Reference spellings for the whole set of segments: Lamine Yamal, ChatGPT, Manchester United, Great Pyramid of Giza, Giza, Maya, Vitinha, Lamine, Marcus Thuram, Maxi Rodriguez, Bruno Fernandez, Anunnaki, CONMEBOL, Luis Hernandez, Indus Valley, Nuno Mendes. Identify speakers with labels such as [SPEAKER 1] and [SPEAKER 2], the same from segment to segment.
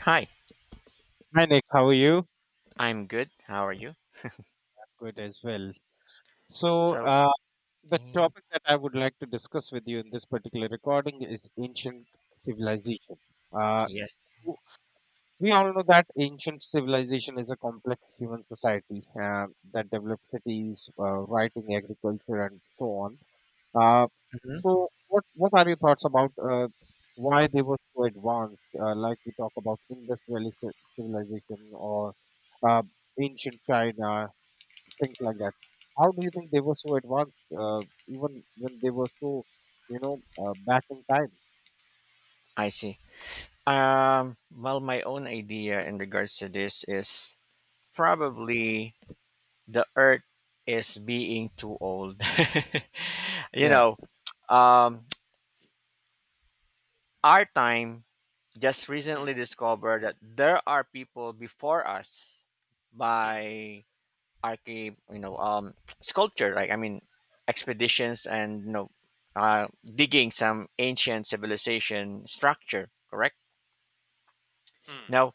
[SPEAKER 1] Hi,
[SPEAKER 2] Hi Nick, how are you?
[SPEAKER 1] I'm good. How are you?
[SPEAKER 2] Good as well. So,
[SPEAKER 1] So,
[SPEAKER 2] uh, the
[SPEAKER 1] um,
[SPEAKER 2] topic that I would like to discuss with you in this particular recording is ancient civilization. Uh,
[SPEAKER 1] yes.
[SPEAKER 2] w- we all know that ancient civilization is a complex human society that developed cities, writing, agriculture, and so on. Uh,
[SPEAKER 1] Hmm,
[SPEAKER 2] what are your thoughts about why they were so advanced? Like we talk about Indus Valley civilization or uh, ancient China, things like that. How do you think they were so advanced, even when they were so, back in time?
[SPEAKER 1] I see. Well, my own idea in regards to this is probably the Earth is being too old. you
[SPEAKER 2] Yeah.
[SPEAKER 1] know, um, our time just
[SPEAKER 2] Hmm,
[SPEAKER 1] recently discovered that there are people before us
[SPEAKER 2] hmm,
[SPEAKER 1] by archive, sculpture. I mean, expeditions and digging some ancient civilization structure. Correct.
[SPEAKER 2] hmm,
[SPEAKER 1] Now,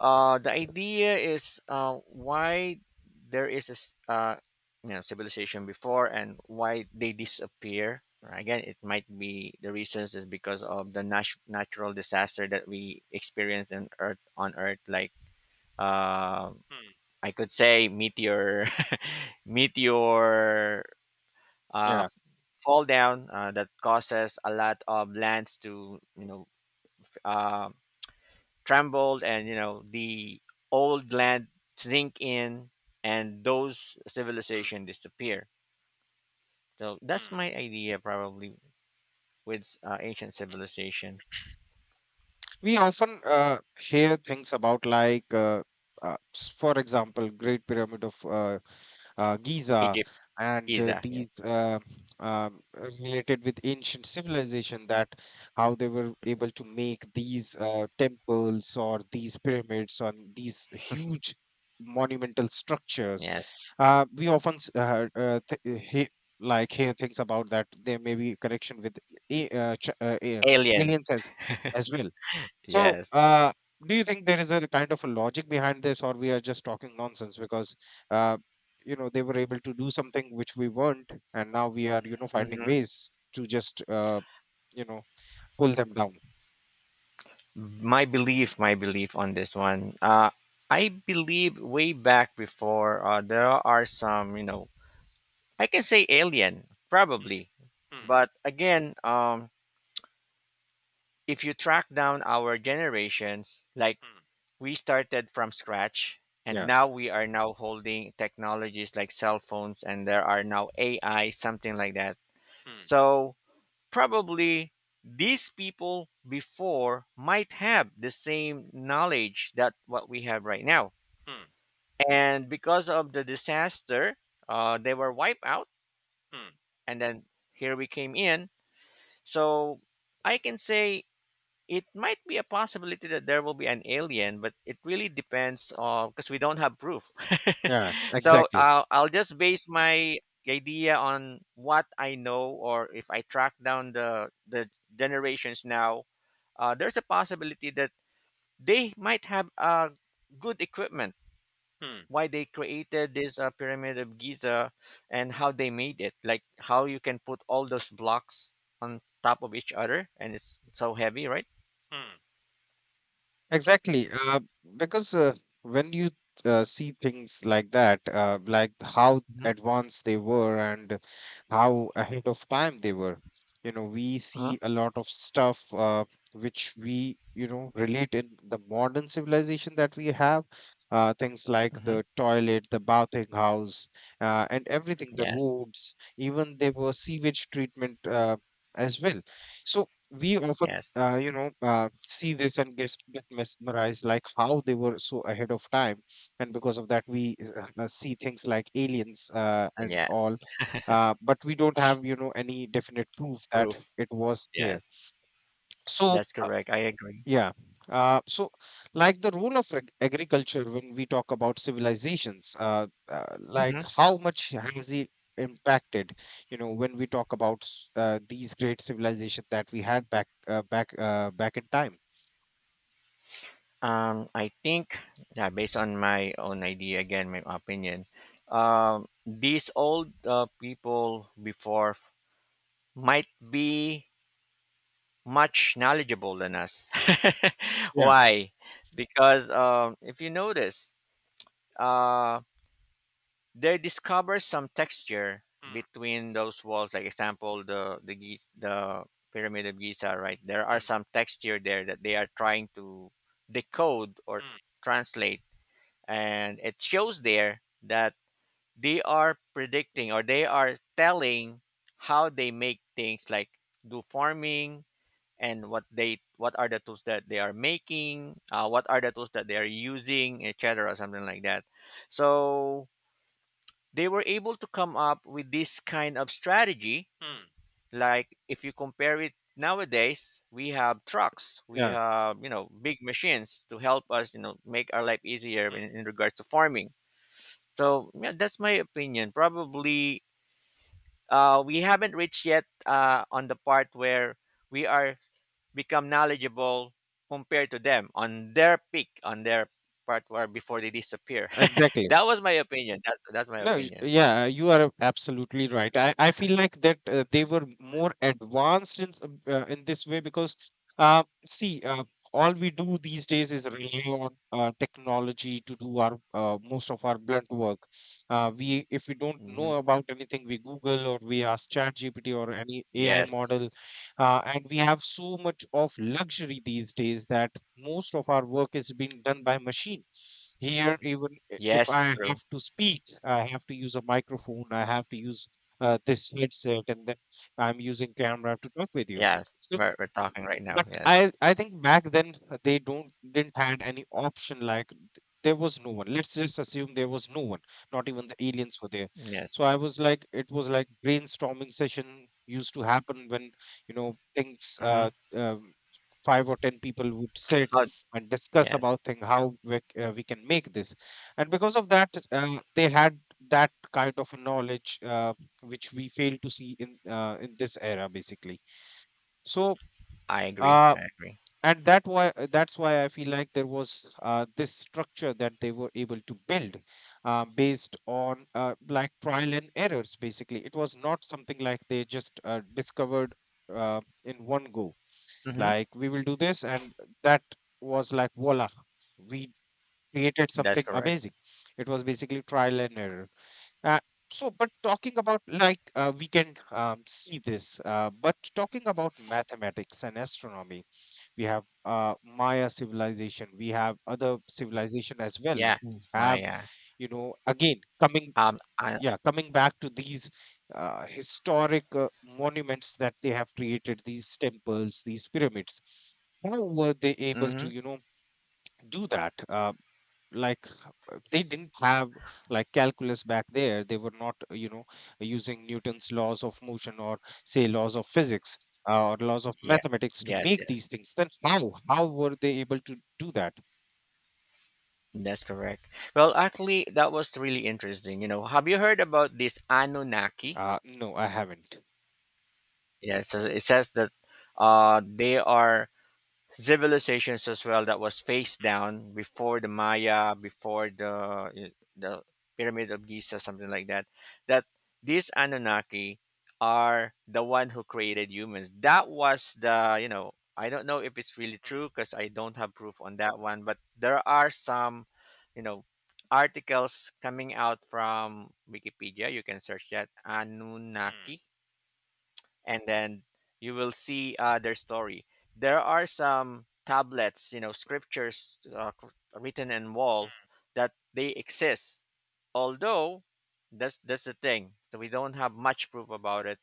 [SPEAKER 1] the idea is, why there is you know, civilization before and why they disappear. Again, it might be, the reasons is because of the natural disaster that we experience in Earth, on Earth. Like, uh,
[SPEAKER 2] hmm,
[SPEAKER 1] I could say meteor, meteor, uh,
[SPEAKER 2] yeah,
[SPEAKER 1] fall down, that causes a lot of lands to, you know, f- uh, tremble, and you know, the old land sink in and those
[SPEAKER 2] hmm,
[SPEAKER 1] civilization disappear. So that's my
[SPEAKER 2] hmm.
[SPEAKER 1] idea, probably, with ancient civilization.
[SPEAKER 2] We often hear things about for example, Great Pyramid of Giza,
[SPEAKER 1] Egypt.
[SPEAKER 2] and
[SPEAKER 1] Giza, yeah.
[SPEAKER 2] these related with ancient civilization, that how they were able to make these temples or these pyramids, on these huge monumental structures.
[SPEAKER 1] Yes.
[SPEAKER 2] We often s- th- he- Like hear things about that there may be connection with a- uh, ch- uh, a-
[SPEAKER 1] Alien.
[SPEAKER 2] aliens as well. so,
[SPEAKER 1] Yes.
[SPEAKER 2] uh, do you think there is a kind of a logic behind this, or we are just talking nonsense? Because, uh, you know, they were able to do something which we weren't, and now we are, you know, finding
[SPEAKER 1] Hmm.
[SPEAKER 2] ways to just, you know, pull them down.
[SPEAKER 1] My belief on this one, I believe way back before, there are some, you know, I can say alien,
[SPEAKER 2] Mm,
[SPEAKER 1] probably.
[SPEAKER 2] mm,
[SPEAKER 1] But again, if you track down our generations, like,
[SPEAKER 2] mm,
[SPEAKER 1] we started from scratch and
[SPEAKER 2] yeah.
[SPEAKER 1] now we are now holding technologies like cell phones, and there are now AI, something like that.
[SPEAKER 2] Mm,
[SPEAKER 1] So probably these people before might have the same knowledge that what we have right now.
[SPEAKER 2] mm,
[SPEAKER 1] And because of the disaster, they were wiped out,
[SPEAKER 2] mm,
[SPEAKER 1] and then here we came in. So I can say it might be a possibility that there will be an alien, but it really depends, on because we don't have proof.
[SPEAKER 2] yeah.
[SPEAKER 1] So
[SPEAKER 2] Exactly.
[SPEAKER 1] I'll just base my idea on what I know, or if I track down the generations now. Uh, there's a possibility that they might have, good equipment,
[SPEAKER 2] Mm,
[SPEAKER 1] why they created this, pyramid of Giza, and how they made it, like how you can put all those blocks on top of each other, and it's so heavy, right?
[SPEAKER 2] mm. Exactly. Because When you see things like that, like how
[SPEAKER 1] Mm-hmm.
[SPEAKER 2] advanced they were and how ahead of time they were, you know, we
[SPEAKER 1] Uh-huh.
[SPEAKER 2] see a lot of stuff which we, you know, relate in the modern civilization that we have. Things like
[SPEAKER 1] Mm-hmm.
[SPEAKER 2] the toilet, the bathing house, and everything, the
[SPEAKER 1] Yes.
[SPEAKER 2] roads, even there were sewage treatment as well. So we often
[SPEAKER 1] Yes.
[SPEAKER 2] see this and get mesmerized, like how they were so ahead of time. And because of that, we see things like aliens and all.
[SPEAKER 1] Yes.
[SPEAKER 2] But we don't have, you know, any definite proof that
[SPEAKER 1] Proof.
[SPEAKER 2] it was there.
[SPEAKER 1] Yes.
[SPEAKER 2] So,
[SPEAKER 1] That's correct. I agree.
[SPEAKER 2] yeah. Uh, so, like the role of agriculture, when we talk about civilizations, like
[SPEAKER 1] Mm-hmm.
[SPEAKER 2] how much has it impacted? You know, when we talk about these great civilizations that we had back back in time.
[SPEAKER 1] I think, yeah, based on my own idea, again, my opinion, these old, people before might be much knowledgeable than us.
[SPEAKER 2] Yeah.
[SPEAKER 1] Why? Because, if you notice, uh, they discover some texture
[SPEAKER 2] Mm,
[SPEAKER 1] between those walls. Like example, the pyramid of Giza, right? There are
[SPEAKER 2] mm,
[SPEAKER 1] some texture there that they are trying to decode or
[SPEAKER 2] mm,
[SPEAKER 1] translate, and it shows there that they are predicting, or they are telling how they make things like do farming, and what are the tools that they are making, what are the tools that they are using, etc, something like that. So they were able to come up with this kind of strategy.
[SPEAKER 2] mm,
[SPEAKER 1] Like if you compare it, nowadays we have trucks, we
[SPEAKER 2] yeah.
[SPEAKER 1] have, you know, big machines to help us, you know, make our life easier
[SPEAKER 2] Mm.
[SPEAKER 1] in regards to farming. So yeah, that's my opinion, probably. Uh, we haven't reached yet, on the part where we are become knowledgeable compared to them on their peak, on their part where before they disappear.
[SPEAKER 2] Exactly.
[SPEAKER 1] That was my opinion. That's my
[SPEAKER 2] No,
[SPEAKER 1] opinion.
[SPEAKER 2] yeah, you are absolutely right. I feel like that they were more advanced in in this way. Because uh, see, uh, all we do these days is rely on technology to do our most of our blunt work. We, if we don't know
[SPEAKER 1] Hmm.
[SPEAKER 2] about anything, we Google or we ask ChatGPT or any AI
[SPEAKER 1] Yes.
[SPEAKER 2] model, and we have so much of luxury these days that most of our work is being done by machine here. Even if I
[SPEAKER 1] Yes. True.
[SPEAKER 2] have to speak, I have to use a microphone, I have to use this headset, and then I'm using camera to talk with you.
[SPEAKER 1] Yeah.
[SPEAKER 2] So,
[SPEAKER 1] We're talking right now.
[SPEAKER 2] but
[SPEAKER 1] Yes.
[SPEAKER 2] I think back then they don't didn't had any option. Like there was no one. Let's just assume there was no one. Not even the aliens were there. So
[SPEAKER 1] Yes.
[SPEAKER 2] I was like, it was like brainstorming session used to happen when you know things.
[SPEAKER 1] Mm-hmm.
[SPEAKER 2] Five or ten people would sit
[SPEAKER 1] Oh,
[SPEAKER 2] and discuss about
[SPEAKER 1] yes.
[SPEAKER 2] thing, how we can make this. And because of that they had that kind of a knowledge which we fail to see in this era basically. So
[SPEAKER 1] I agree.
[SPEAKER 2] uh,
[SPEAKER 1] I agree.
[SPEAKER 2] and that why That's why I feel like there was this structure that they were able to build based on like trial and errors, basically. It was not something like they just discovered in one go,
[SPEAKER 1] Mm-hmm.
[SPEAKER 2] like we will do this, and that was like voila, we created
[SPEAKER 1] That's
[SPEAKER 2] something
[SPEAKER 1] correct.
[SPEAKER 2] amazing. It was basically trial and error. Uh, but talking about we can see this. But talking about mathematics and astronomy, we have Maya civilization, we have other civilization as well,
[SPEAKER 1] Yeah.
[SPEAKER 2] who have,
[SPEAKER 1] Maya.
[SPEAKER 2] you know, again coming,
[SPEAKER 1] I.
[SPEAKER 2] yeah, coming back to these historic monuments that they have created, these temples, these pyramids. How were they able
[SPEAKER 1] Mm-hmm.
[SPEAKER 2] to, you know, do that? Like they didn't have like calculus back there. They were not, using Newton's laws of motion or say laws of physics, or laws of
[SPEAKER 1] Yeah.
[SPEAKER 2] mathematics to
[SPEAKER 1] Yes.
[SPEAKER 2] make these
[SPEAKER 1] Yes.
[SPEAKER 2] things. Then how were they able to do that?
[SPEAKER 1] That's correct. Well, actually, that was really interesting. You know, have you heard about this Anunnaki?
[SPEAKER 2] No, I haven't.
[SPEAKER 1] Yeah, it says that, they are civilizations as well that was face down before the Maya, before the Pyramid of Giza, something like that. That these Anunnaki are the one who created humans. That was the, you know, I don't know if it's really true
[SPEAKER 2] Mm,
[SPEAKER 1] because I don't have proof on that one, but there are some, you know, articles coming out from Wikipedia. You can search that Anunnaki, and then you will see, their story. There are some tablets, you know, scriptures, written in wall, that they exist. Although, that's the thing, so we don't have much proof about it.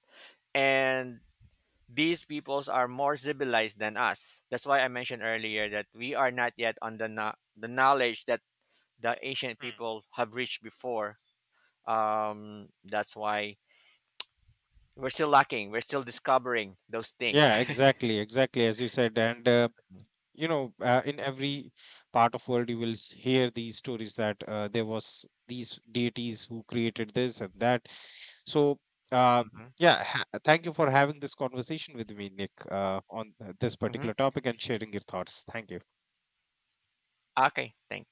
[SPEAKER 1] And these peoples are more civilized than us. That's why I mentioned earlier that we are not yet on the no- the knowledge that the ancient
[SPEAKER 2] mm.
[SPEAKER 1] people have reached before. That's why we're still lacking. We're still discovering those things.
[SPEAKER 2] Yeah, exactly, exactly, as you said. And in every part of world you will hear these stories that there was these deities who created this and that. so uh, yeah. Thank you for having this conversation with me, Nick, on this
[SPEAKER 1] Mhm.
[SPEAKER 2] particular topic and sharing your thoughts. Thank you.
[SPEAKER 1] Okay, thank